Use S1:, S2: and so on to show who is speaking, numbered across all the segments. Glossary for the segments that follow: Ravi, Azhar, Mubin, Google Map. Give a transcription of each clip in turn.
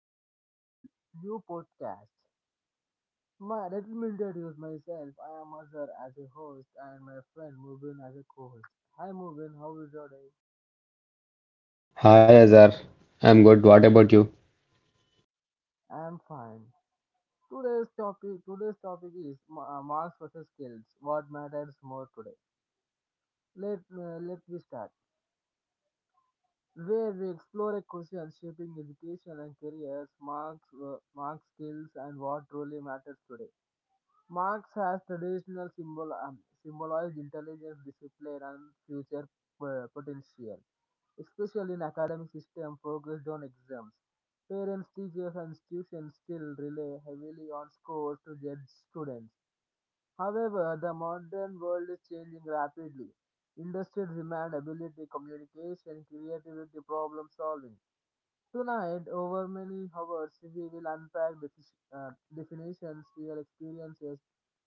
S1: back to a new podcast. Let me introduce myself. I am Azhar as a host and my friend Mubin as a co-host. Hi Mubin, how is your day?
S2: Hi Azar, I'm good. What about you?
S1: I am fine. Today's topic is marks versus skills. What matters more today? Let me start. Where we explore a question shaping education and careers, marks, skills, and what truly matters today. Marx has traditional symbol symbolized intelligence, discipline, and future potential, especially in academic system focused on exams. Parents, teachers, and institutions still rely heavily on scores to judge students. However, the modern world is changing rapidly. Industries demand ability, communication, creativity, problem solving. Tonight, over many hours, we will unpack definitions, real experiences,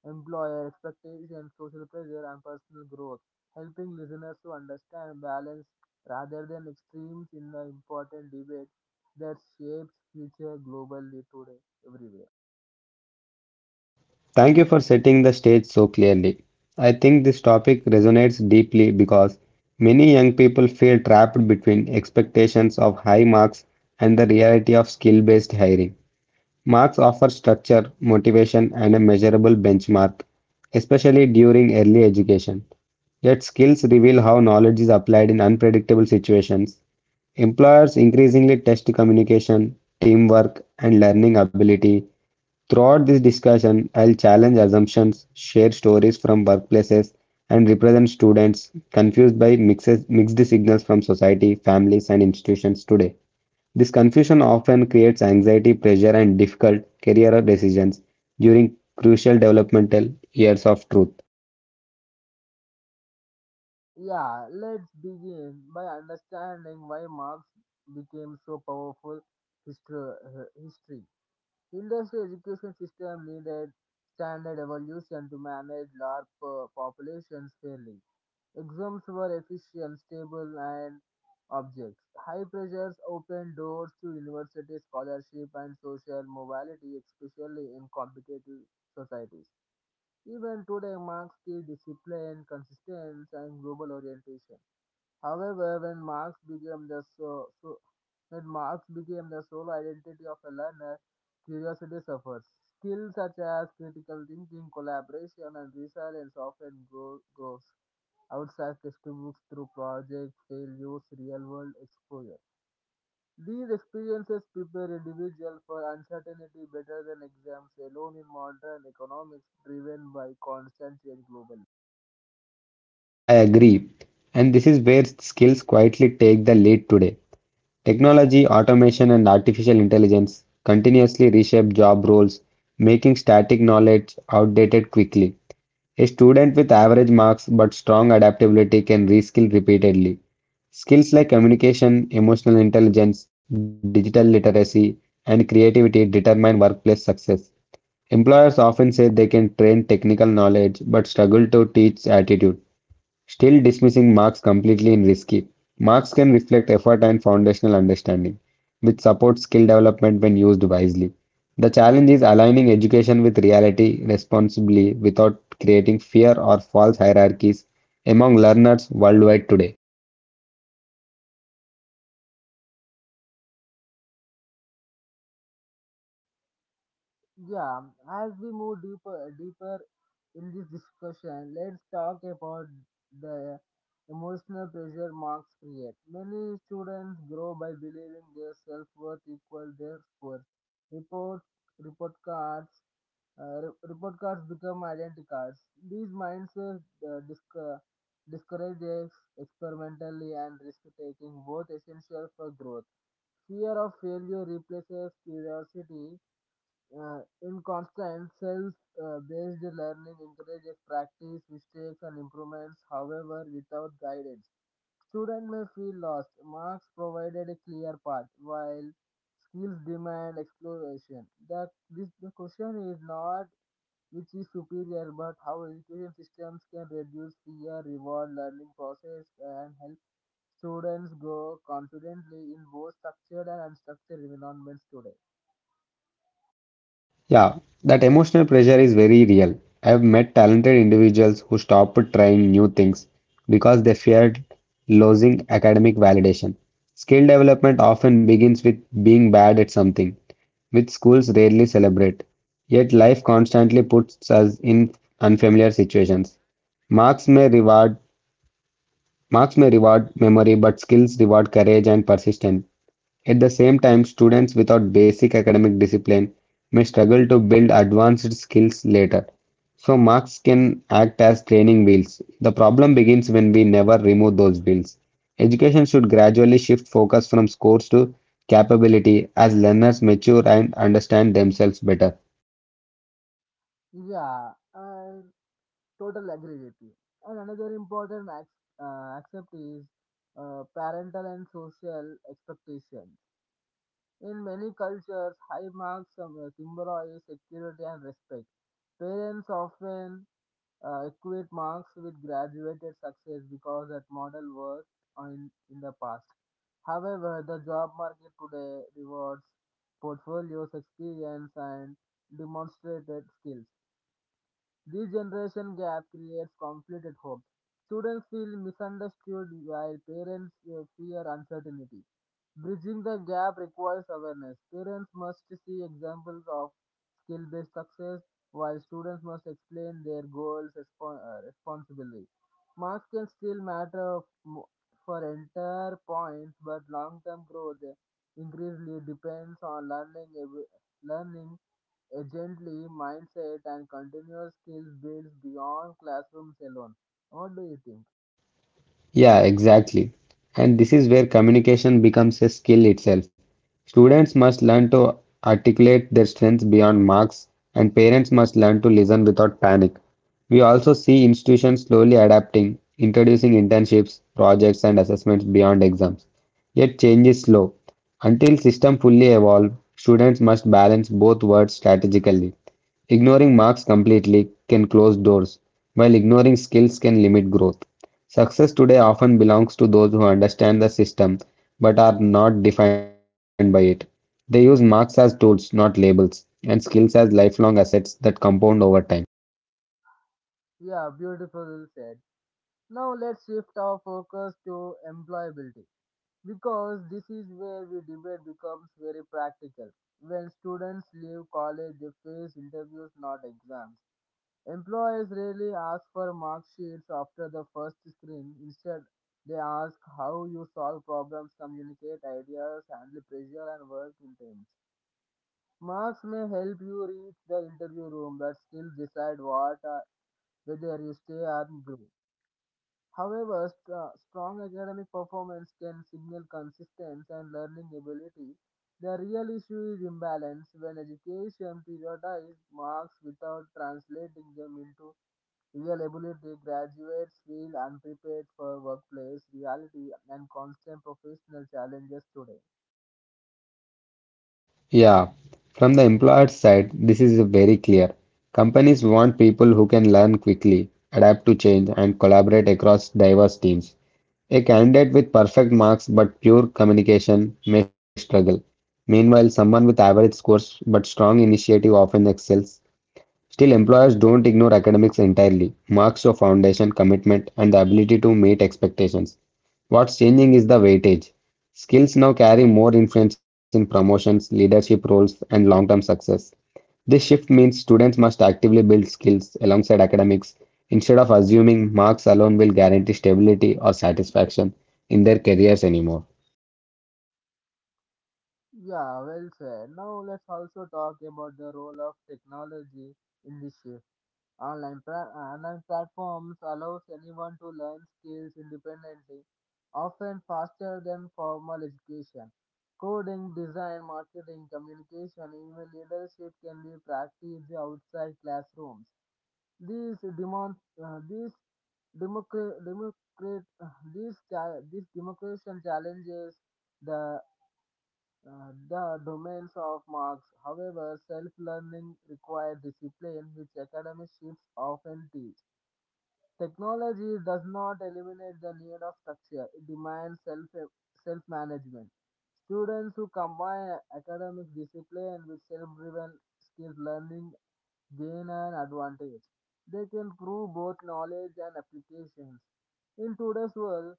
S1: employer expectations, social pressure, and personal growth, helping listeners to understand balance rather than extremes in the important debate that shapes future globally today, everywhere.
S2: Thank you for setting the stage so clearly. I think this topic resonates deeply because many young people feel trapped between expectations of high marks and the reality of skill-based hiring. Marks offer structure, motivation, and a measurable benchmark, especially during early education. Yet skills reveal how knowledge is applied in unpredictable situations. Employers increasingly test communication, teamwork, and learning ability. Throughout this discussion, I'll challenge assumptions, share stories from workplaces, and represent students confused by mixed signals from society, families, and institutions today. This confusion often creates anxiety, pressure, and difficult career decisions during crucial developmental years of truth.
S1: Yeah, let's begin by understanding why Marx became so powerful history. history. Industry education system needed standard evolution to manage large populations fairly. Exams were efficient, stable, and objects. High pressures opened doors to university scholarship and social mobility, especially in competitive societies. Even today marks the discipline, consistency, and global orientation. However, when Marx became the sole identity of a learner, curiosity suffers. Skills such as critical thinking, collaboration, and resilience often grows outside textbooks through projects, failures, real-world exposure. These experiences prepare individuals for uncertainty better than exams alone in modern economics driven by constant change globally.
S2: I agree, and this is where skills quietly take the lead today. Technology, automation, and artificial intelligence continuously reshape job roles, making static knowledge outdated quickly. A student with average marks but strong adaptability can reskill repeatedly. Skills like communication, emotional intelligence, digital literacy, and creativity determine workplace success. Employers often say they can train technical knowledge but struggle to teach attitude. Still, dismissing marks completely is risky. Marks can reflect effort and foundational understanding, which supports skill development when used wisely. The challenge is aligning education with reality responsibly without creating fear or false hierarchies among learners worldwide today.
S1: Yeah, as we move deeper in this discussion, let's talk about the emotional pressure marks create. Many students grow by believing their self-worth equal their scores. Report report cards Report cards become identity cards. These mindsets uh, disc- discourages experimentally and risk-taking, both essential for growth. Fear of failure replaces curiosity in constant self-based learning encourages practice, mistakes, and improvements, however, without guidance. Students may feel lost. Marks provided a clear path, while skills demand exploration. The question is not which is superior, but how education systems can reduce fear, reward learning process, and help students grow confidently in both structured and unstructured environments today.
S2: Yeah, that emotional pressure is very real. I've met talented individuals who stopped trying new things because they feared losing academic validation. Skill development often begins with being bad at something, which schools rarely celebrate. Yet life constantly puts us in unfamiliar situations. Marks may reward Marks may reward memory, but skills reward courage and persistence. At the same time, students without basic academic discipline may struggle to build advanced skills later. So, marks can act as training wheels. The problem begins when we never remove those wheels. Education should gradually shift focus from scores to capability as learners mature and understand themselves better.
S1: Yeah, and total agree with you. And another important accept is parental and social expectations. In many cultures, high marks symbolize security and respect. Parents often equate marks with graduated success because that model worked in the past. However, the job market today rewards portfolios, experience, and demonstrated skills. This generation gap creates conflict at home. Students feel misunderstood while parents fear uncertainty. Bridging the gap requires awareness. Parents must see examples of skill based success, while students must explain their goals responsibly. Marks can still matter for entire points, but long term growth increasingly depends on learning agently mindset and continuous skills builds beyond classrooms alone. What do you think?
S2: Yeah, exactly. And this is where communication becomes a skill itself. Students must learn to articulate their strengths beyond marks, and parents must learn to listen without panic. We also see institutions slowly adapting, introducing internships, projects, and assessments beyond exams. Yet change is slow. Until system fully evolve, students must balance both worlds strategically. Ignoring marks completely can close doors, while ignoring skills can limit growth. Success today often belongs to those who understand the system but are not defined by it. They use marks as tools, not labels, and skills as lifelong assets that compound over time.
S1: Yeah, beautiful said. Now let's shift our focus to employability because this is where we debate becomes very practical. When students leave college, they face interviews, not exams. Employers rarely ask for mark sheets after the first screen. Instead, they ask how you solve problems, communicate ideas, handle pressure, and work in teams. Marks may help you reach the interview room but still decide what whether you stay or go. However, strong academic performance can signal consistency and learning ability. The real issue is imbalance when education prioritizes marks without translating them into real ability. Graduates feel unprepared for workplace reality and constant professional challenges today.
S2: Yeah, from the employer's side, this is very clear. Companies want people who can learn quickly, adapt to change, and collaborate across diverse teams. A candidate with perfect marks but pure communication may struggle. Meanwhile, someone with average scores but strong initiative often excels. Still, employers don't ignore academics entirely. Marks show foundation, commitment, and the ability to meet expectations. What's changing is the weightage. Skills now carry more influence in promotions, leadership roles, and long term success. This shift means students must actively build skills alongside academics instead of assuming marks alone will guarantee stability or satisfaction in their careers anymore.
S1: Yeah, well said. Now let's also talk about the role of technology in this shift. Online platforms allows anyone to learn skills independently, often faster than formal education. Coding, design, marketing, communication, even leadership can be practiced outside classrooms. These demon- these democra- democrat- these, cha- These democration challenges the the domains of marks, however, self-learning requires discipline which academic shifts often teach. Technology does not eliminate the need of structure; it demands self-management. Students who combine academic discipline with self-driven skill learning gain an advantage. They can prove both knowledge and applications. In today's world,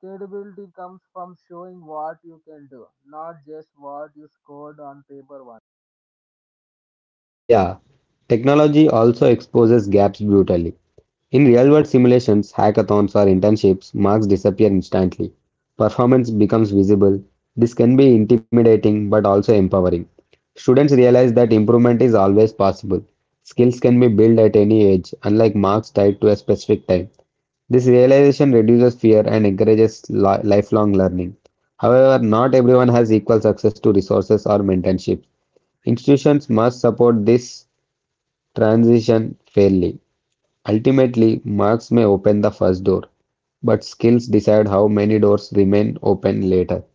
S1: credibility comes from showing what you can do, not just what you scored on paper once.
S2: Yeah, technology also exposes gaps brutally. In real-world simulations, hackathons, or internships, marks disappear instantly. Performance becomes visible. This can be intimidating but also empowering. Students realize that improvement is always possible. Skills can be built at any age, unlike marks tied to a specific time. This realization reduces fear and encourages lifelong learning. However, not everyone has equal access to resources or mentorships. Institutions must support this transition fairly. Ultimately, marks may open the first door, but skills decide how many doors remain open later.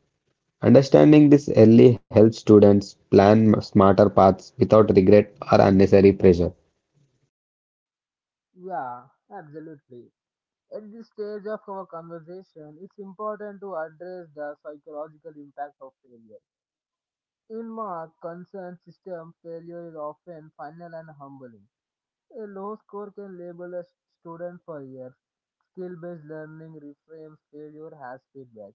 S2: Understanding this early helps students plan smarter paths without regret or unnecessary pressure.
S1: Yeah, absolutely. At this stage of our conversation, it's important to address the psychological impact of failure. In my concerned system, failure is often final and humbling. A low score can label a student for years. Skill based learning reframes failure as feedback.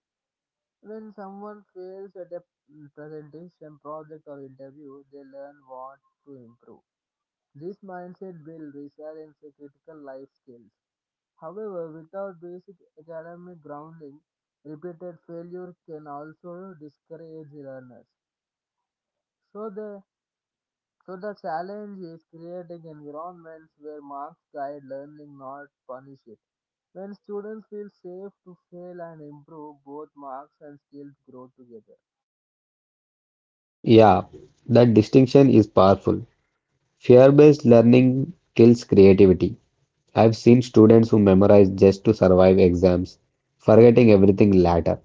S1: When someone fails at a presentation, project, or interview, they learn what to improve. This mindset builds resilience and critical life skills. However, without basic academic grounding, repeated failure can also discourage learners. So, the So the challenge is creating environments where marks guide learning, not punish it. When students feel safe to fail and improve, both marks and skills grow together.
S2: Yeah, that distinction is powerful. Fear based learning kills creativity. I've seen students who memorize just to survive exams, forgetting everything later.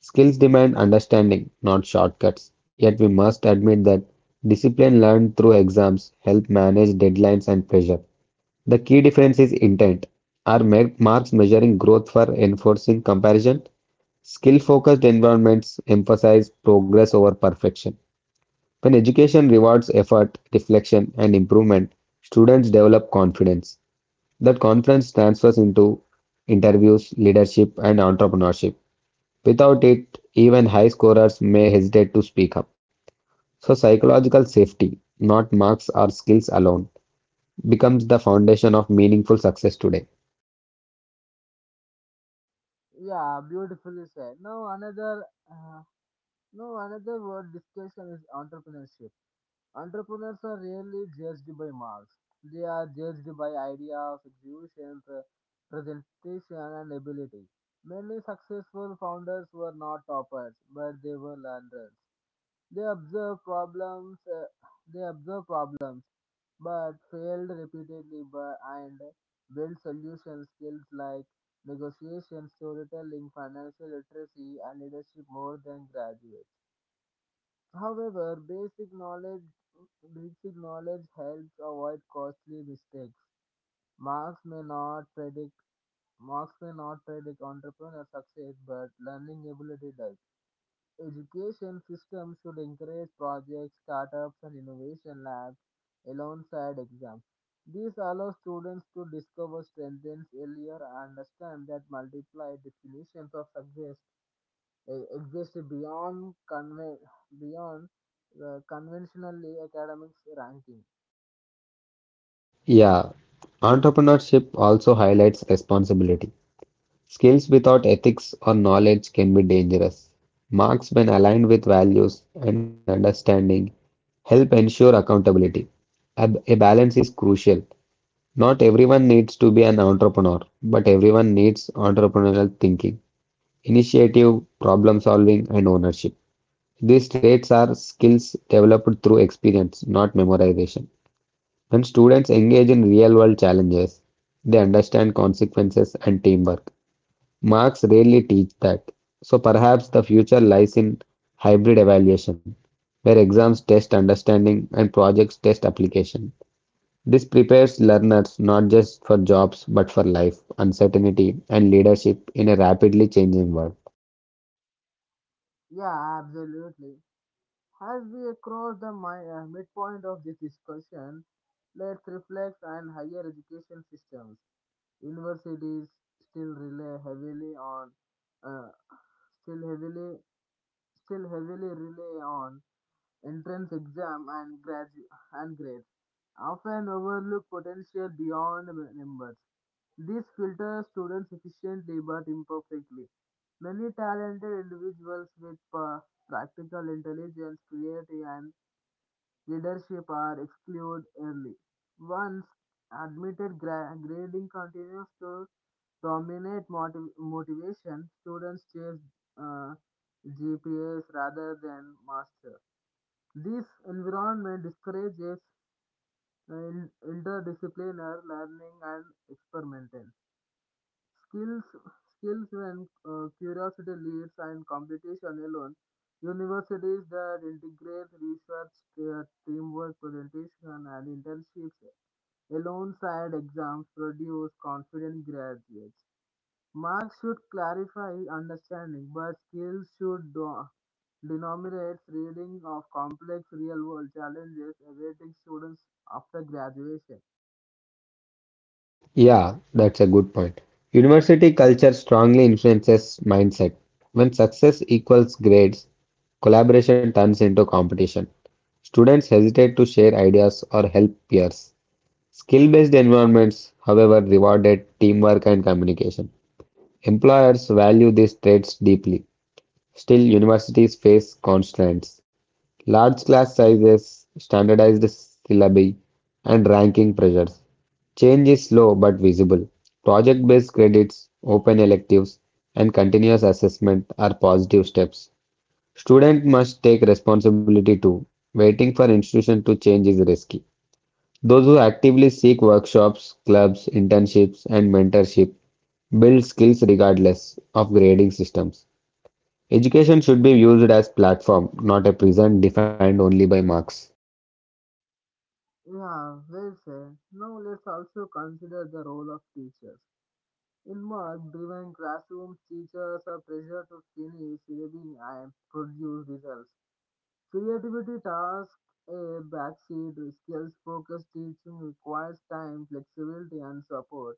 S2: Skills demand understanding, not shortcuts. Yet we must admit that discipline learned through exams help manage deadlines and pressure. The key difference is intent. Are marks measuring growth for enforcing comparison? Skill-focused environments emphasize progress over perfection. When education rewards effort, reflection, and improvement, students develop confidence. That confidence transfers into interviews, leadership, and entrepreneurship. Without it, even high scorers may hesitate to speak up. So, psychological safety, not marks or skills alone, becomes the foundation of meaningful success today.
S1: Yeah, beautifully said. Uh, Now another word discussion is entrepreneurship. Entrepreneurs are rarely judged by marks. They are judged by ideas, execution, presentation, and ability. Many successful founders were not toppers, but they were learners. They observe problems, uh, they observe problems, but failed repeatedly by, and build solution skills like negotiation, storytelling, financial literacy, and leadership more than graduates. However, basic knowledge helps avoid costly mistakes. Marks may not predict Marks may not predict entrepreneur success, but learning ability does. Education system should encourage projects, startups, and innovation labs alongside exams. This allows students to discover strengths earlier and understand that multiplied definitions of success exist beyond beyond conventionally academics ranking.
S2: Yeah, entrepreneurship also highlights responsibility. Skills without ethics or knowledge can be dangerous. Marks, when aligned with values and understanding, help ensure accountability. A balance is crucial. Not everyone needs to be an entrepreneur, but everyone needs entrepreneurial thinking. Initiative, problem-solving, and ownership. These traits are skills developed through experience, not memorization. When students engage in real-world challenges, they understand consequences and teamwork. Marks rarely teach that. So perhaps the future lies in hybrid evaluation, where exams test understanding and projects test application. This prepares learners not just for jobs but for life, uncertainty, and leadership in a rapidly changing world.
S1: Yeah, absolutely. As we cross the midpoint of this discussion, let's reflect on higher education systems. Universities still rely heavily on uh, still heavily still heavily rely on entrance exam and and grades, often overlook potential beyond numbers. This filters students efficiently but imperfectly. Many talented individuals with practical intelligence, creativity, and leadership are excluded early. Once admitted, grading continues to dominate motivation. Students chase uh, GPAs rather than master. This environment discourages interdisciplinary learning and experimentation. Skills, skills when curiosity leads and competition alone. Universities that integrate research, teamwork, presentation, and internships alongside exams produce confident graduates. Marks should clarify understanding, but skills should denominates reading of complex real world challenges awaiting students after graduation.
S2: Yeah, that's a good point. University culture strongly influences mindset. When success equals grades, collaboration turns into competition. Students hesitate to share ideas or help peers. Skill-based environments, however, rewarded teamwork and communication. Employers value these traits deeply. Still, universities face constraints. Large class sizes, standardized syllabi, and ranking pressures. Change is slow but visible. Project-based credits, open electives, and continuous assessment are positive steps. Students must take responsibility too. Waiting for institution to change is risky. Those who actively seek workshops, clubs, internships, and mentorship build skills regardless of grading systems. Education should be used as a platform, not a prison defined only by marks.
S1: Yeah, well said. Now let's also consider the role of teachers. In work driven classrooms, teachers are pressured to finish reading and produce results. Creativity tasks a backseat, skills focused teaching requires time, flexibility, and support.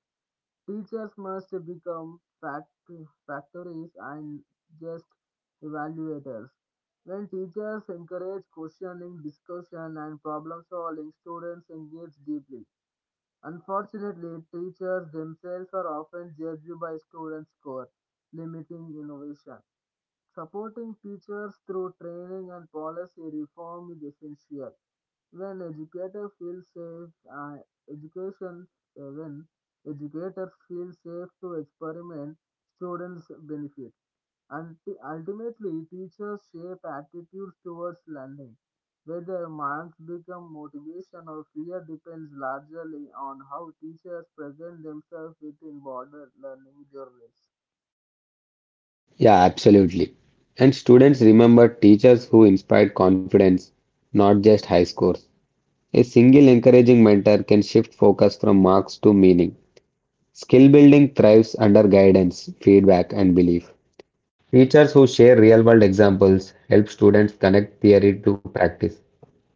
S1: Teachers must become factories and just evaluators. When teachers encourage questioning, discussion, and problem solving, students engage deeply. Unfortunately, teachers themselves are often judged by student score, limiting innovation. Supporting teachers through training and policy reform is essential. When educators feel safe, uh, education when educators feel safe to experiment, students benefit. And Ultimately, teachers shape attitudes towards learning. Whether marks become motivation or fear depends largely on how teachers present themselves within broader learning journeys.
S2: Yeah, absolutely. And students remember teachers who inspired confidence, not just high scores. A single encouraging mentor can shift focus from marks to meaning. Skill building thrives under guidance, feedback, and belief. Teachers who share real world examples help students connect theory to practice.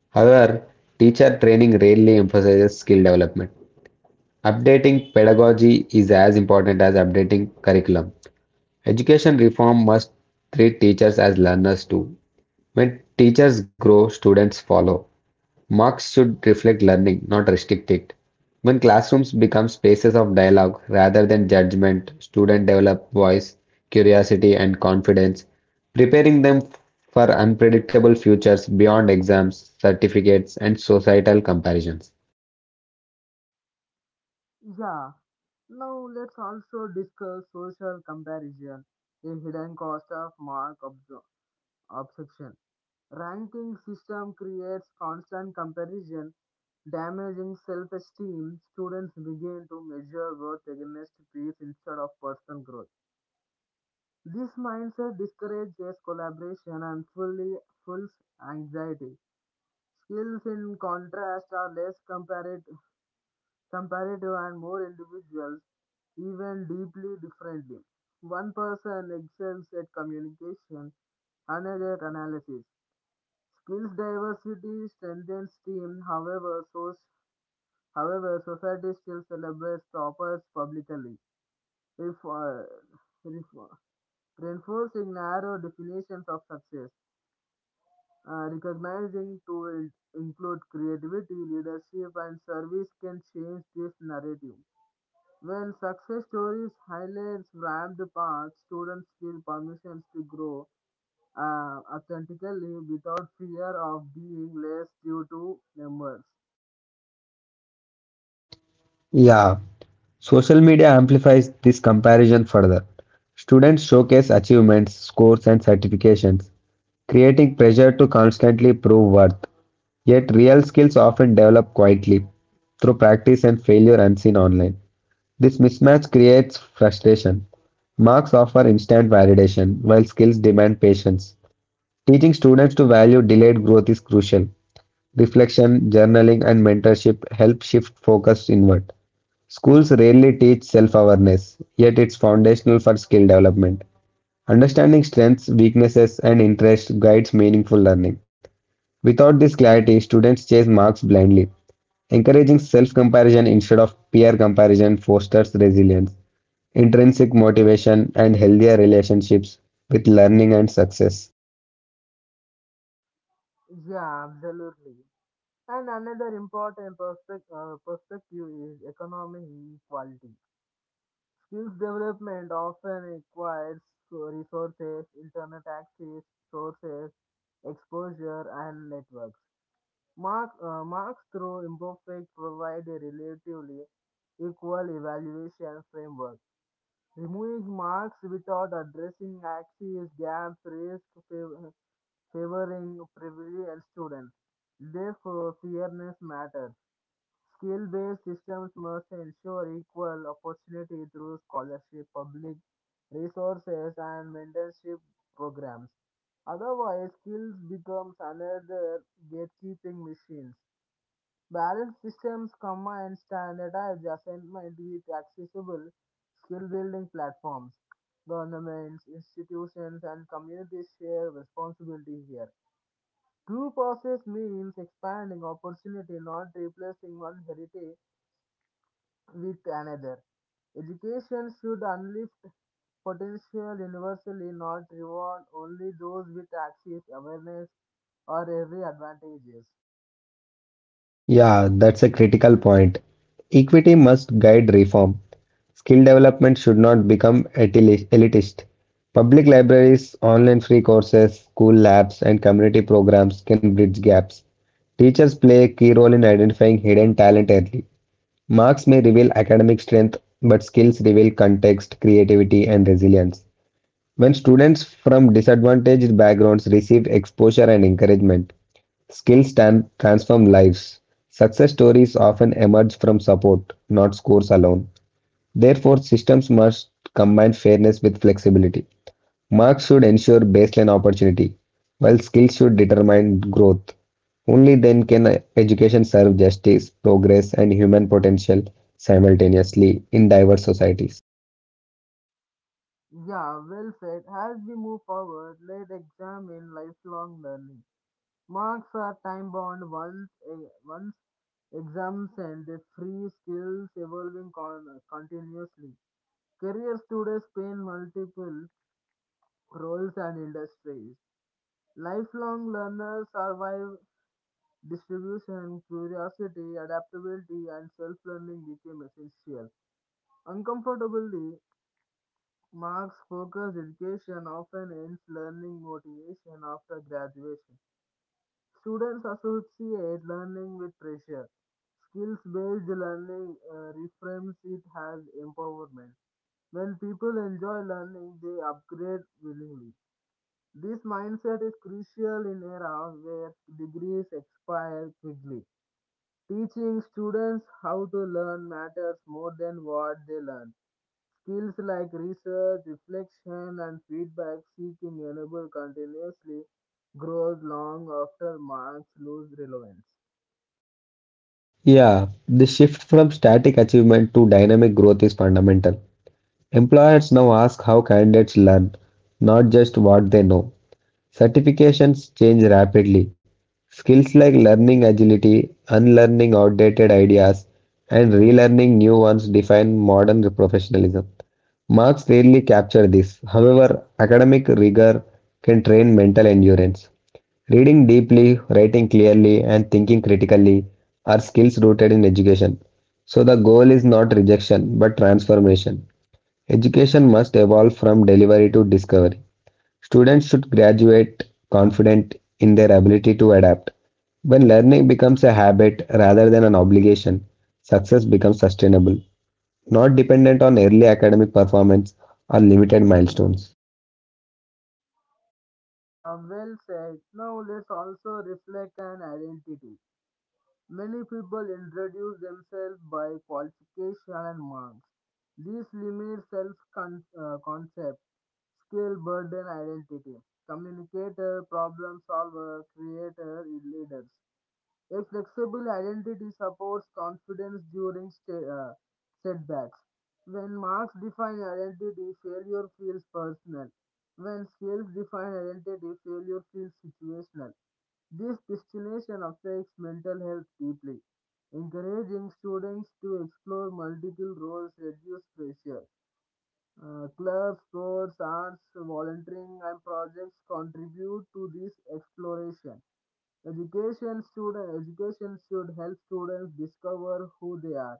S2: However, teacher training rarely emphasizes skill development. Updating pedagogy is as important as updating curriculum. Education reform must treat teachers as learners too. When teachers grow, students follow. Marks should reflect learning, not restrict it. When classrooms become spaces of dialogue rather than judgment, students develop voice, curiosity, and confidence, preparing them for unpredictable futures beyond exams, certificates, and societal comparisons.
S1: Yeah, now let's also discuss social comparison, a hidden cost of mark obsession. Ranking system creates constant comparison, damaging self-esteem. Students begin to measure worth against peers instead of personal growth. This mindset discourages collaboration and fully fuels anxiety. Skills, in contrast, are less comparative and more individuals, even deeply differently. One person excels at communication, another at analysis. Skills diversity strengthens team, however society still celebrates toppers publicly, ref- uh, ref- reinforcing narrow definitions of success. Recognizing to include creativity, leadership, and service can change this narrative. When success stories highlights rammed paths, students feel permissions to grow authentically without fear of being less due to numbers.
S2: Yeah, social media amplifies this comparison further. Students showcase achievements, scores, and certifications, creating pressure to constantly prove worth. Yet, real skills often develop quietly through practice and failure unseen online. This mismatch creates frustration. Marks offer instant validation, while skills demand patience. Teaching students to value delayed growth is crucial. Reflection, journaling, and mentorship help shift focus inward. Schools rarely teach self awareness, yet it's foundational for skill development. Understanding strengths, weaknesses, and interests guides meaningful learning. Without this clarity, students chase marks blindly. Encouraging self comparison instead of peer comparison fosters resilience, intrinsic motivation, and healthier relationships with learning and success.
S1: Yeah, absolutely. And another important perspective is economic equality. Skills development often requires resources, internet access, sources, exposure, and networks. Marks through imperfect provide a relatively equal evaluation framework. Removing marks without addressing access gaps risk favoring privileged students. Therefore, fairness matters. Skill-based systems must ensure equal opportunity through scholarship, public resources, and mentorship programs. Otherwise, skills becomes another gatekeeping machines. Balanced systems combine standardized assessment with accessible skill-building platforms. Governments, institutions, and communities share responsibility here. True process means expanding opportunity, not replacing one heritage with another. Education should unlift potential universally, not reward only those with access, awareness, or every advantages.
S2: Yeah, that's a critical point. Equity must guide reform. Skill development should not become elitist. Elitist. Public libraries, online free courses, school labs, and community programs can bridge gaps. Teachers play a key role in identifying hidden talent early. Marks may reveal academic strength, but skills reveal context, creativity, and resilience. When students from disadvantaged backgrounds receive exposure and encouragement, skills transform lives. Success stories often emerge from support, not scores alone. Therefore, systems must combine fairness with flexibility. Marks should ensure baseline opportunity, while skills should determine growth. Only then can education serve justice, progress, and human potential simultaneously in diverse societies.
S1: Yeah, well said. As we move forward, let's examine lifelong learning. Marks are time bound once exams and the free skills evolving continuously. Career students span multiple roles and industries. Lifelong learners survive distribution, curiosity, adaptability, and self learning became essential. Uncomfortably, Marx focused education often ends learning motivation after graduation. Students associate learning with pressure. Skills based learning reframes it as empowerment. When people enjoy learning, they upgrade willingly. This mindset is crucial in era where degrees expire quickly. Teaching students how to learn matters more than what they learn. Skills like research, reflection, and feedback seeking enable continuously growth long after marks lose relevance.
S2: Yeah, the shift from static achievement to dynamic growth is fundamental. Employers now ask how candidates learn, not just what they know. Certifications change rapidly. Skills like learning agility, unlearning outdated ideas, and relearning new ones define modern professionalism. Marks rarely capture this. However, academic rigor can train mental endurance. Reading deeply, writing clearly, and thinking critically are skills rooted in education. So the goal is not rejection but transformation. Education must evolve from delivery to discovery. Students should graduate confident in their ability to adapt. When learning becomes a habit rather than an obligation, success becomes sustainable, not dependent on early academic performance or limited milestones.
S1: Yeah, well said. Now let's also reflect on identity. Many people introduce themselves by qualification and marks. This limits self-concept, skill, burden, identity. Communicator, problem solver, creator, leaders. A flexible identity supports confidence during setbacks. When marks define identity, failure feels personal. When skills define identity, failure feels situational. This destination affects mental health deeply. Encouraging students to explore multiple roles reduce pressure. Clubs, sports, arts, volunteering, and projects contribute to this exploration. Education student education should help students discover who they are,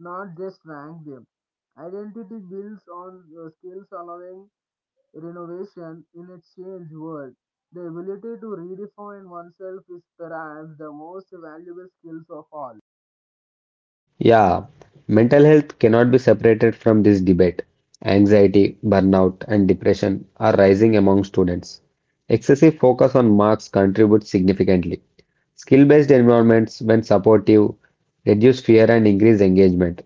S1: not just rank them. Identity builds on skills allowing renovation in a changed world. The ability to redefine oneself is perhaps the most valuable skills of all.
S2: Yeah, mental health cannot be separated from this debate. Anxiety, burnout, and depression are rising among students. Excessive focus on marks contributes significantly. Skill-based environments, when supportive, reduce fear and increase engagement.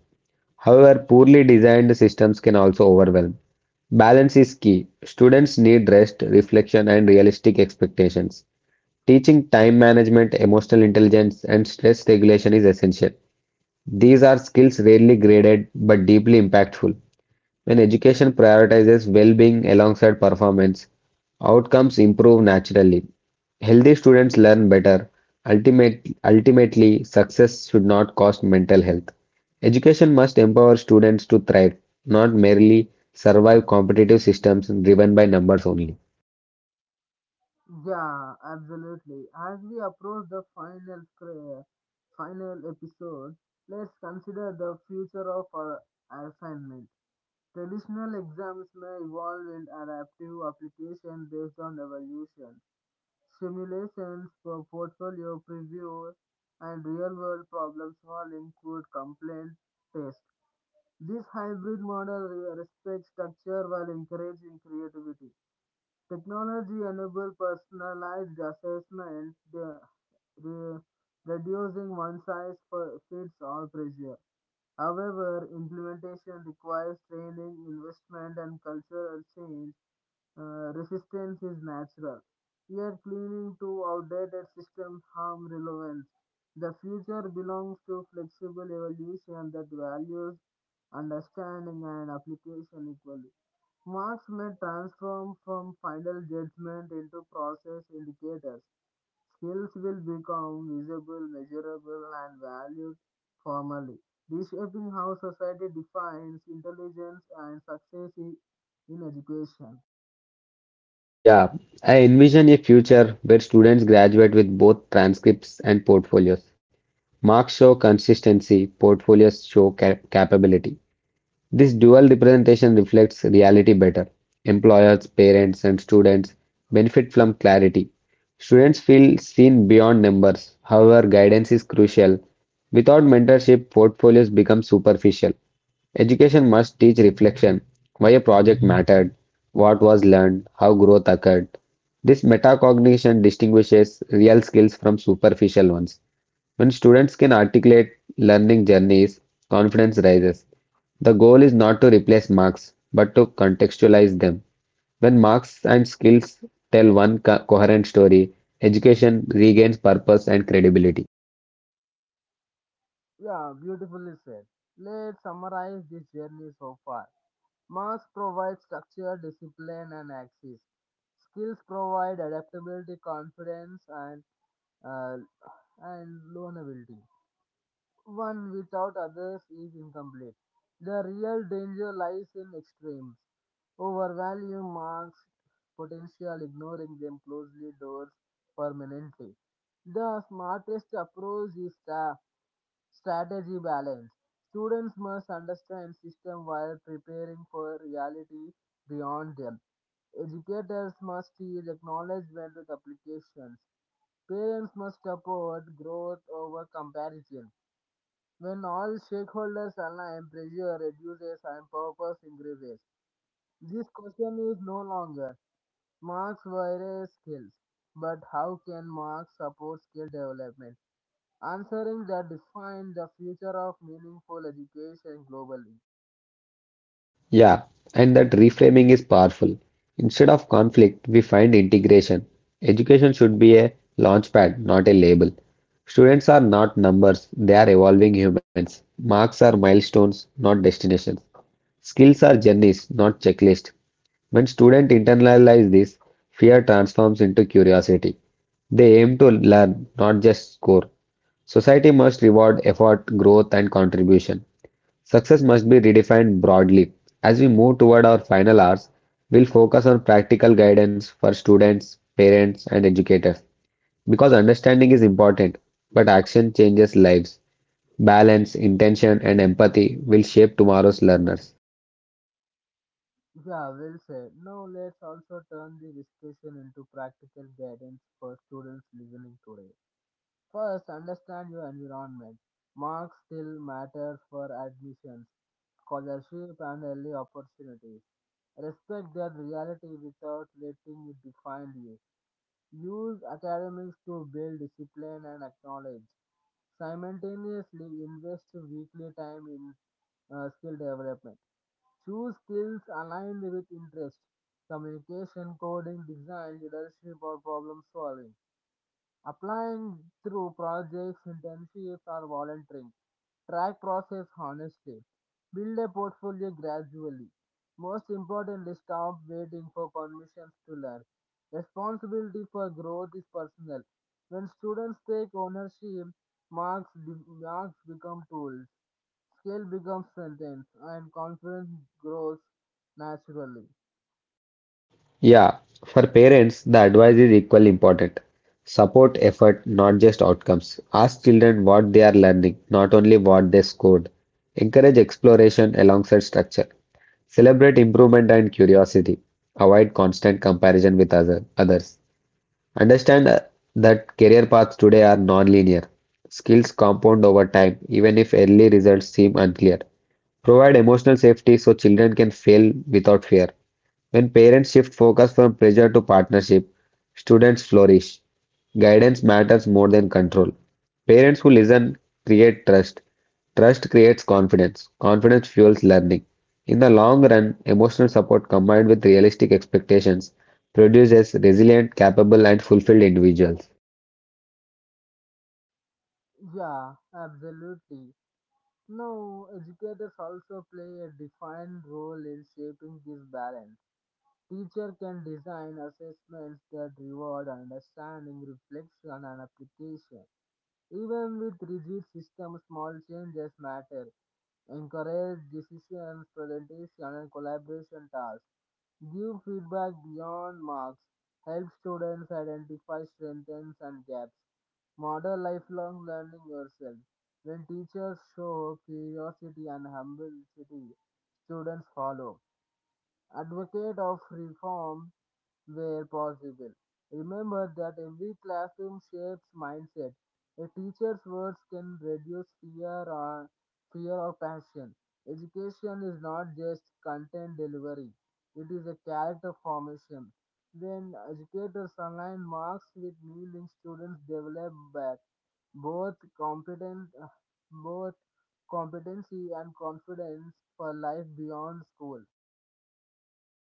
S2: However, poorly designed systems can also overwhelm. Balance is key. Students need rest, reflection, and realistic expectations. Teaching time management, emotional intelligence, and stress regulation is essential. These are skills rarely graded but deeply impactful. When education prioritizes well being alongside performance, outcomes improve naturally. Healthy students learn better. Ultimately, success should not cost mental health. Education must empower students to thrive, not merely survive competitive systems driven by numbers only.
S1: Yeah, absolutely. As we approach the final episode, let's consider the future of our assignment. Traditional exams may evolve in adaptive application based on evolution. Simulations for portfolio preview and real world problem solving could complement test. This hybrid model respects structure while encouraging creativity. Technology enables personalized assessment, re- reducing one size fits all pressure. However, implementation requires training, investment, and cultural change, resistance is natural. Yet clinging to outdated systems harm relevance. The future belongs to flexible evolution that values understanding and application equally. Marks may transform from final judgment into process indicators. Skills will become visible, measurable, and valued formally, reshaping how society defines intelligence and success in education.
S2: Yeah, I envision a future where students graduate with both transcripts and portfolios. Marks show consistency, portfolios show capability. This dual representation reflects reality better. Employers, parents, and students benefit from clarity. Students feel seen beyond numbers. However, guidance is crucial. Without mentorship, portfolios become superficial. Education must teach reflection: why a project mattered, what was learned, how growth occurred. This metacognition distinguishes real skills from superficial ones. When students can articulate learning journeys, confidence rises. The goal is not to replace marks, but to contextualize them. When marks and skills tell one coherent story, education regains purpose and credibility.
S1: Yeah, beautifully said. Let's summarize this journey so far. Marks provide structure, discipline, and axis. Skills provide adaptability, confidence, uh, and learnability. One without others is incomplete. The real danger lies in extremes. Overvaluing marks potential, ignoring them closely doors permanently. The smartest approach is strategy balance. Students must understand system while preparing for reality beyond them. Educators must teach acknowledgement with applications. Parents must support growth over comparison. When all stakeholders align, pressure reduces and purpose increases. This question is no longer marks versus skills, but how can marks support skill development? Answering that define the future of meaningful education globally.
S2: Yeah, and that reframing is powerful. Instead of conflict, we find integration. Education should be a launchpad, not a label. Students are not numbers, they are evolving humans. Marks are milestones, not destinations. Skills are journeys, not checklists. When students internalize this, fear transforms into curiosity. They aim to learn, not just score. Society must reward effort, growth, and contribution. Success must be redefined broadly. As we move toward our final hours, we'll focus on practical guidance for students, parents, and educators. Because understanding is important, but action changes lives. Balance, intention, and empathy will shape tomorrow's learners.
S1: Yeah, well said. Now let's also turn the discussion into practical guidance for students listening today. First, understand your environment. Marks still matters for admissions, scholarship, and early opportunities. Respect their reality without letting it define you. Use academics to build discipline and acknowledge. Simultaneously, invest weekly time in skill development. Choose skills aligned with interest, communication, coding, design, leadership, or problem solving. Applying through projects, internships, or volunteering. Track process honestly. Build a portfolio gradually. Most importantly, stop waiting for permissions to learn. Responsibility for growth is personal. When students take ownership, marks become tools, skill becomes strengthened, and confidence grows naturally.
S2: Yeah, for parents, the advice is equally important. Support effort, not just outcomes. Ask children what they are learning, not only what they scored. Encourage exploration alongside structure. Celebrate improvement and curiosity. Avoid constant comparison with others. Understand that career paths today are non-linear. Skills compound over time, even if early results seem unclear. Provide emotional safety so children can fail without fear. When parents shift focus from pressure to partnership, students flourish. Guidance matters more than control. Parents who listen create trust. Trust creates confidence. Confidence fuels learning. In the long run, emotional support combined with realistic expectations produces resilient, capable, and fulfilled individuals.
S1: Yeah, absolutely. Now, educators also play a defined role in shaping this balance. Teacher can design assessments that reward understanding, reflection, and application. Even with rigid systems, small changes matter. Encourage decisions, presentation, and collaboration tasks. Give feedback beyond marks. Help students identify strengths and gaps. Model lifelong learning yourself. When teachers show curiosity and humility, students follow. Advocate of reform where possible. Remember that every classroom shapes mindset. A teacher's words can reduce fear or fear or passion. Education is not just content delivery; it is a character formation. When educators align marks with meaning, students develop both competent, both competency and confidence for life beyond school.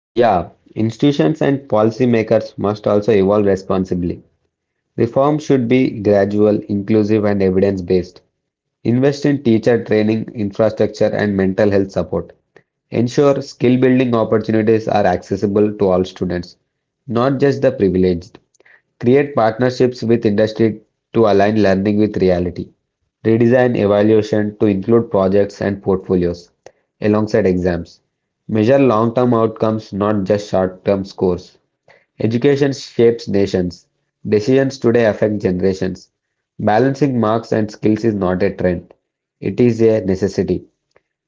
S2: Yeah, institutions and policymakers must also evolve responsibly. Reform should be gradual, inclusive, and evidence based. Invest in teacher training, infrastructure, and mental health support. Ensure skill building opportunities are accessible to all students, not just the privileged. Create partnerships with industry to align learning with reality. Redesign evaluation to include projects and portfolios alongside exams. Measure long term outcomes, not just short term scores. Education shapes nations. Decisions today affect generations. Balancing marks and skills is not a trend, it is a necessity.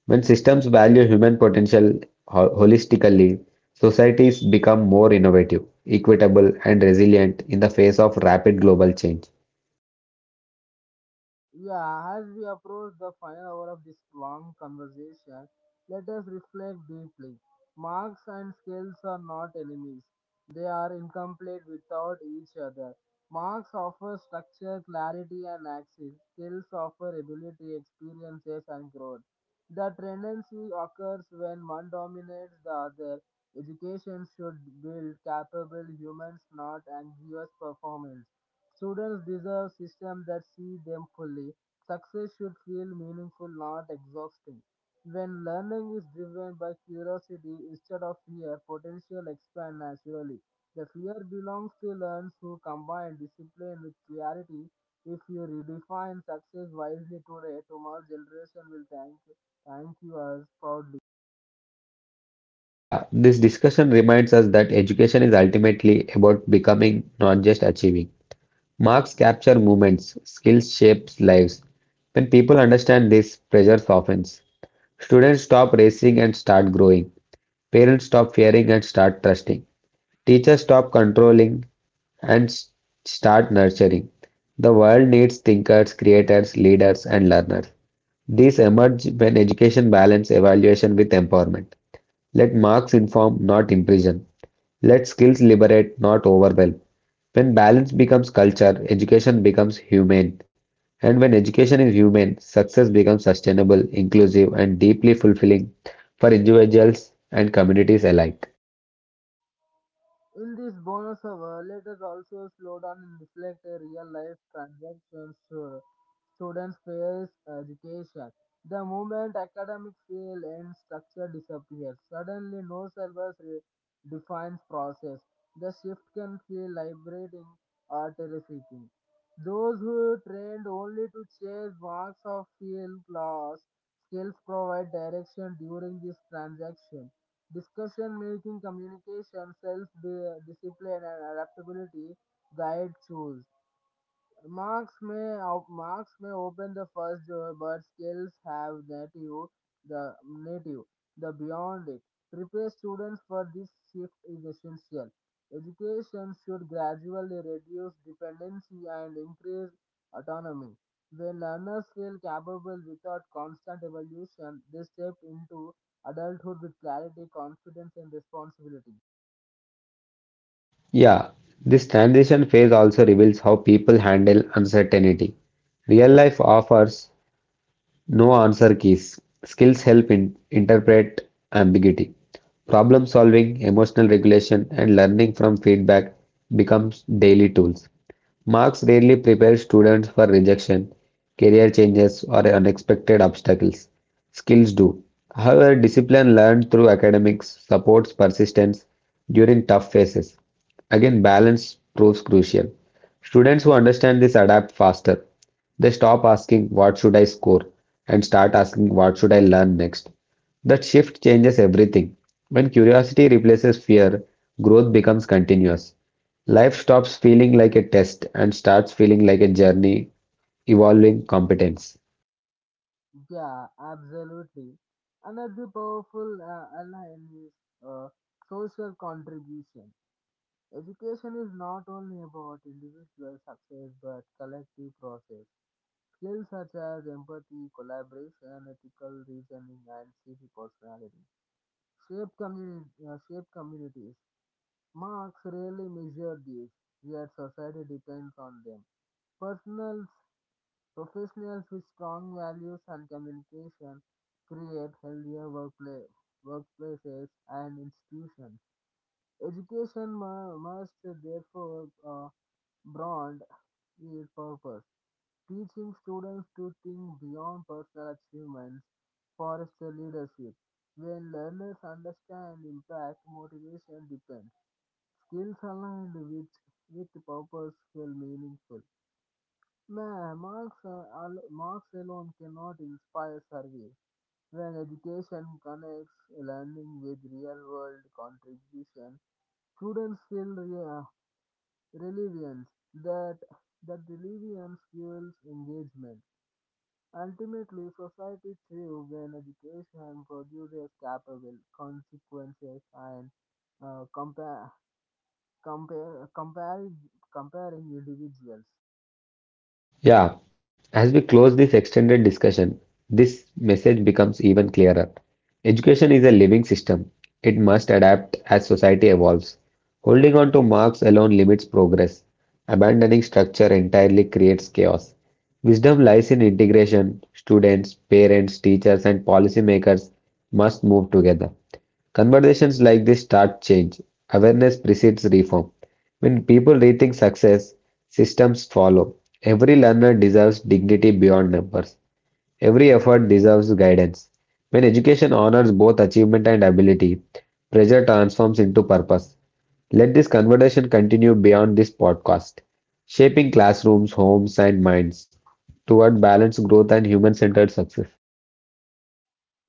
S2: When systems value human potential holistically, societies become more innovative, equitable, and resilient in the face of rapid global change.
S1: Yeah, as we approach the final hour of this long conversation, let us reflect deeply. Marks and skills are not enemies, they are incomplete without each other. Marks offer structure, clarity, and access. Skills offer ability, experiences, and growth. The tendency occurs when one dominates the other. Education should build capable humans, not anxious performance. Students deserve systems that see them fully. Success should feel meaningful, not exhausting. When learning is driven by curiosity instead of fear, potential expands naturally. The fear belongs to learners who combine discipline with clarity. If you redefine success wisely today, tomorrow's generation will thank you as proudly.
S2: Yeah, this discussion reminds us that education is ultimately about becoming, not just achieving. Marks capture movements, skills shapes lives. When people understand this, pressure softens. Students stop racing and start growing. Parents stop fearing and start trusting. Teachers stop controlling and start nurturing. The world needs thinkers, creators, leaders, and learners. These emerge when education balance evaluation with empowerment. Let marks inform, not imprison. Let skills liberate, not overwhelm. When balance becomes culture, education becomes humane. And when education is humane, success becomes sustainable, inclusive, and deeply fulfilling for individuals and communities alike.
S1: In this bonus hour, let us also slow down and reflect a real life transactions students face education. The moment academic fail and structure disappears, suddenly no syllabus defines process. The shift can feel liberating or terrifying. Those who trained only to chase marks of field class, skills provide direction during this transaction. Discussion making, communication, self discipline, and adaptability guide choose. Marks may open the first door, but skills have native the beyond it. Prepare students for this shift is essential. Education should gradually reduce dependency and increase autonomy. When learners feel capable without constant evolution, they step into adulthood with clarity, confidence, and responsibility.
S2: Yeah, this transition phase also reveals how people handle uncertainty. Real life offers no answer keys. Skills help in interpret ambiguity. Problem solving, emotional regulation, and learning from feedback becomes daily tools. Marks rarely prepare students for rejection, career changes, or unexpected obstacles. Skills do. However, discipline learned through academics supports persistence during tough phases. Again, balance proves crucial. Students who understand this adapt faster. They stop asking, "What should I score?" and start asking, "What should I learn next?" That shift changes everything. When curiosity replaces fear, growth becomes continuous. Life stops feeling like a test and starts feeling like a journey evolving competence.
S1: Yeah, absolutely. Another powerful ally is uh, social contribution. Education is not only about individual success but collective process. Skills such as empathy, collaboration, ethical reasoning, and civic personality shape communities. Marks rarely measure these, yet society depends on them. Personal professionals with strong values and communication create workplaces and institutions. Must therefore broaden its purpose, teaching students to think beyond personal achievements, fosters leadership. When learners understand impact, motivation depends. Skills aligned with purpose feel meaningful. Nah, marks alone cannot inspire service. When education connects learning with real world contribution, students feel relevance. That, that relevance fuels engagement. Ultimately, society thrives when education produces capable consequences and uh, compare, compare, comparing, comparing individuals.
S2: Yeah, as we close this extended discussion, this message becomes even clearer. Education is a living system. It must adapt as society evolves. Holding on to marks alone limits progress. Abandoning structure entirely creates chaos. Wisdom lies in integration. Students, parents, teachers, and policymakers must move together. Conversations like this start change. Awareness precedes reform. When people rethink success, systems follow. Every learner deserves dignity beyond numbers. Every effort deserves guidance. When education honors both achievement and ability, pressure transforms into purpose. Let this conversation continue beyond this podcast, shaping classrooms, homes, and minds toward balanced growth and human centered success.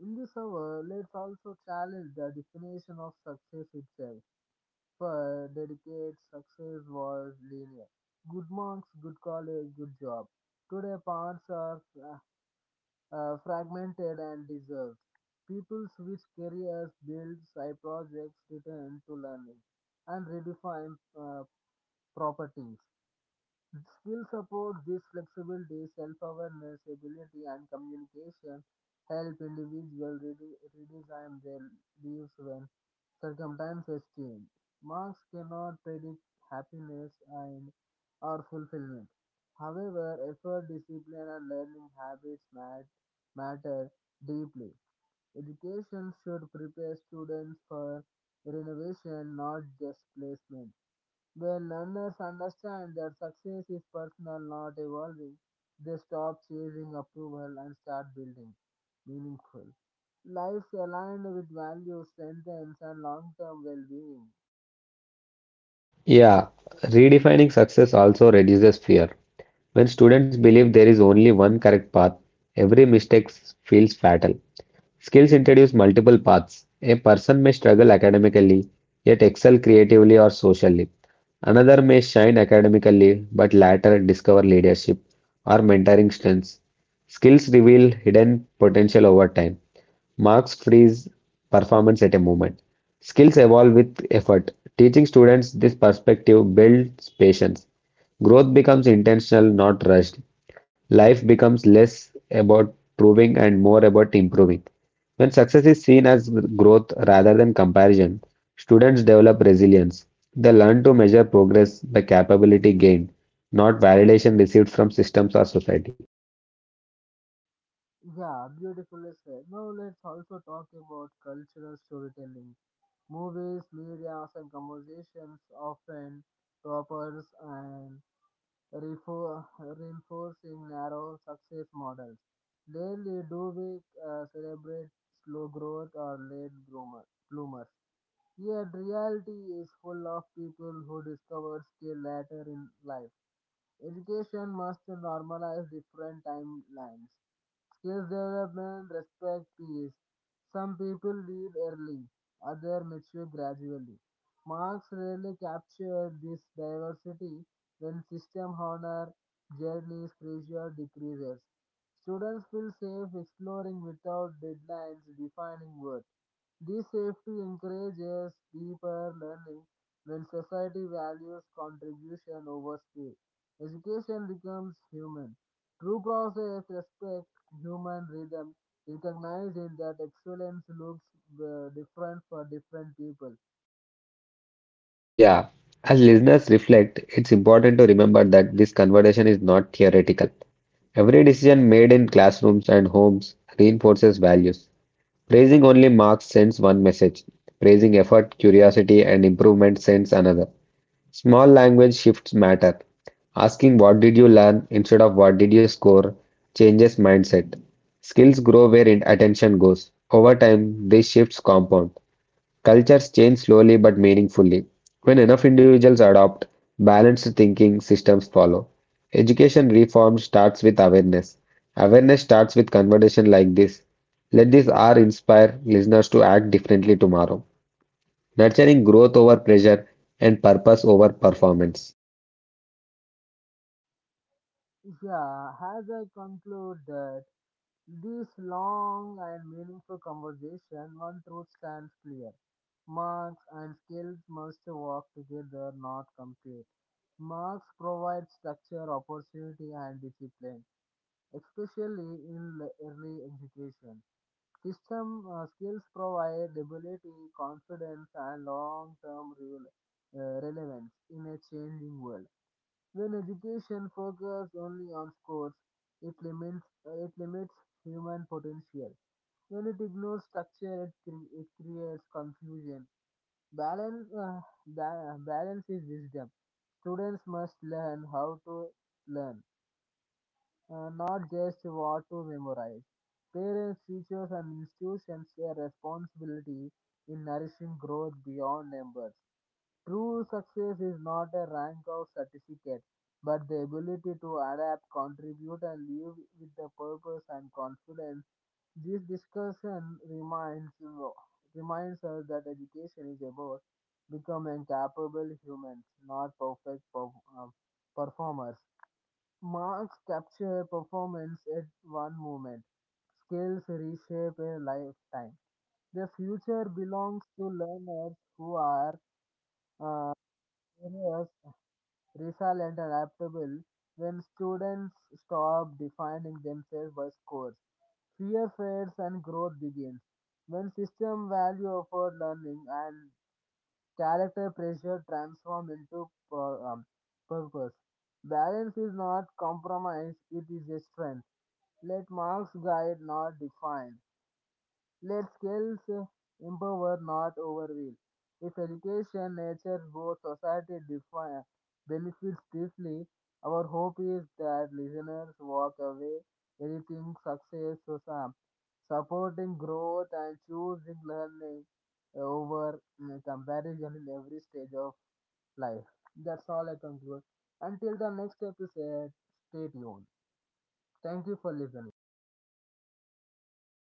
S1: In this hour, let's also challenge the definition of success itself. For dedicated success was linear. Good marks, good college, good job. Today, paths are fragmented and deserved. People switch careers, build side projects, return to learning, and redefine proper things. Skill support this flexibility, self-awareness, ability, and communication help individuals redesign their lives when circumstances change. Marks cannot predict happiness and or fulfillment. However, effort, discipline, and learning habits matter deeply. Education should prepare students for renovation, not just placement. When learners understand that success is personal, not evolving, they stop chasing approval and start building meaningful lives aligned with values, strengths, and long term well being.
S2: Yeah, redefining success also reduces fear. When students believe there is only one correct path, every mistake feels fatal. Skills introduce multiple paths. A person may struggle academically, yet excel creatively or socially. Another may shine academically, but later discover leadership or mentoring strengths. Skills reveal hidden potential over time. Marks freeze performance at a moment. Skills evolve with effort. Teaching students this perspective builds patience. Growth becomes intentional, not rushed. Life becomes less about proving and more about improving. When success is seen as growth rather than comparison, students develop resilience. They learn to measure progress by capability gained, not validation received from systems or society.
S1: Yeah, beautifully said. Now let's also talk about cultural storytelling. Movies, media, and conversations often toppers and reinforcing narrow success models. Rarely do we celebrate slow growth or bloomers. Yet reality is full of people who discover skill later in life. Education must normalize different timelines. Skills development respect peace. Some people leave early, others mature gradually. Marx rarely captured this diversity when system honor journeys pressure decreases. Students feel safe exploring without deadlines defining worth. This safety encourages deeper learning when society values contribution over speed. Education becomes human. True process respects human rhythm, recognizing that excellence looks different for different people.
S2: Yeah, as listeners reflect, it's important to remember that this conversation is not theoretical. Every decision made in classrooms and homes reinforces values. Praising only marks sends one message, praising effort, curiosity, and improvement sends another. Small language shifts matter. Asking what did you learn instead of what did you score changes mindset. Skills grow where attention goes. Over time, these shifts compound. Cultures change slowly but meaningfully. When enough individuals adopt balanced thinking, systems follow. Education reform starts with awareness. Awareness starts with conversation like this. Let this hour inspire listeners to act differently tomorrow, nurturing growth over pressure and purpose over performance.
S1: Yeah, as I conclude that this long and meaningful conversation, one truth stands clear. Marks and skills must work together, not compete. Marks provide structure, opportunity, and discipline, especially in early education. System skills provide ability, confidence, and long-term relevance in a changing world. When education focuses only on scores, it limits human potential. When it ignores structure, it creates confusion. Balance uh, Balance is wisdom. Students must learn how to learn, not just what to memorize. Parents, teachers, and institutions share responsibility in nourishing growth beyond numbers. True success is not a rank or certificate, but the ability to adapt, contribute, and live with the purpose and confidence. This discussion reminds us that education is about becoming capable humans, not um, performers. Marks capture performance at one moment. Skills reshape a lifetime. The future belongs to learners who are curious, resilient, and adaptable. When students stop defining themselves by scores, fear fades and growth begins. When system value offered learning and character pressure transform into purpose. Balance is not compromise, it is a strength. Let marks guide, not define. Let skills empower, not overwhelm. If education, nature, both society define benefits deeply, our hope is that listeners walk away anything success to some, supporting growth and choosing learning over comparison in every stage of life. That's all I conclude. Until the next episode, stay tuned. Thank you for listening.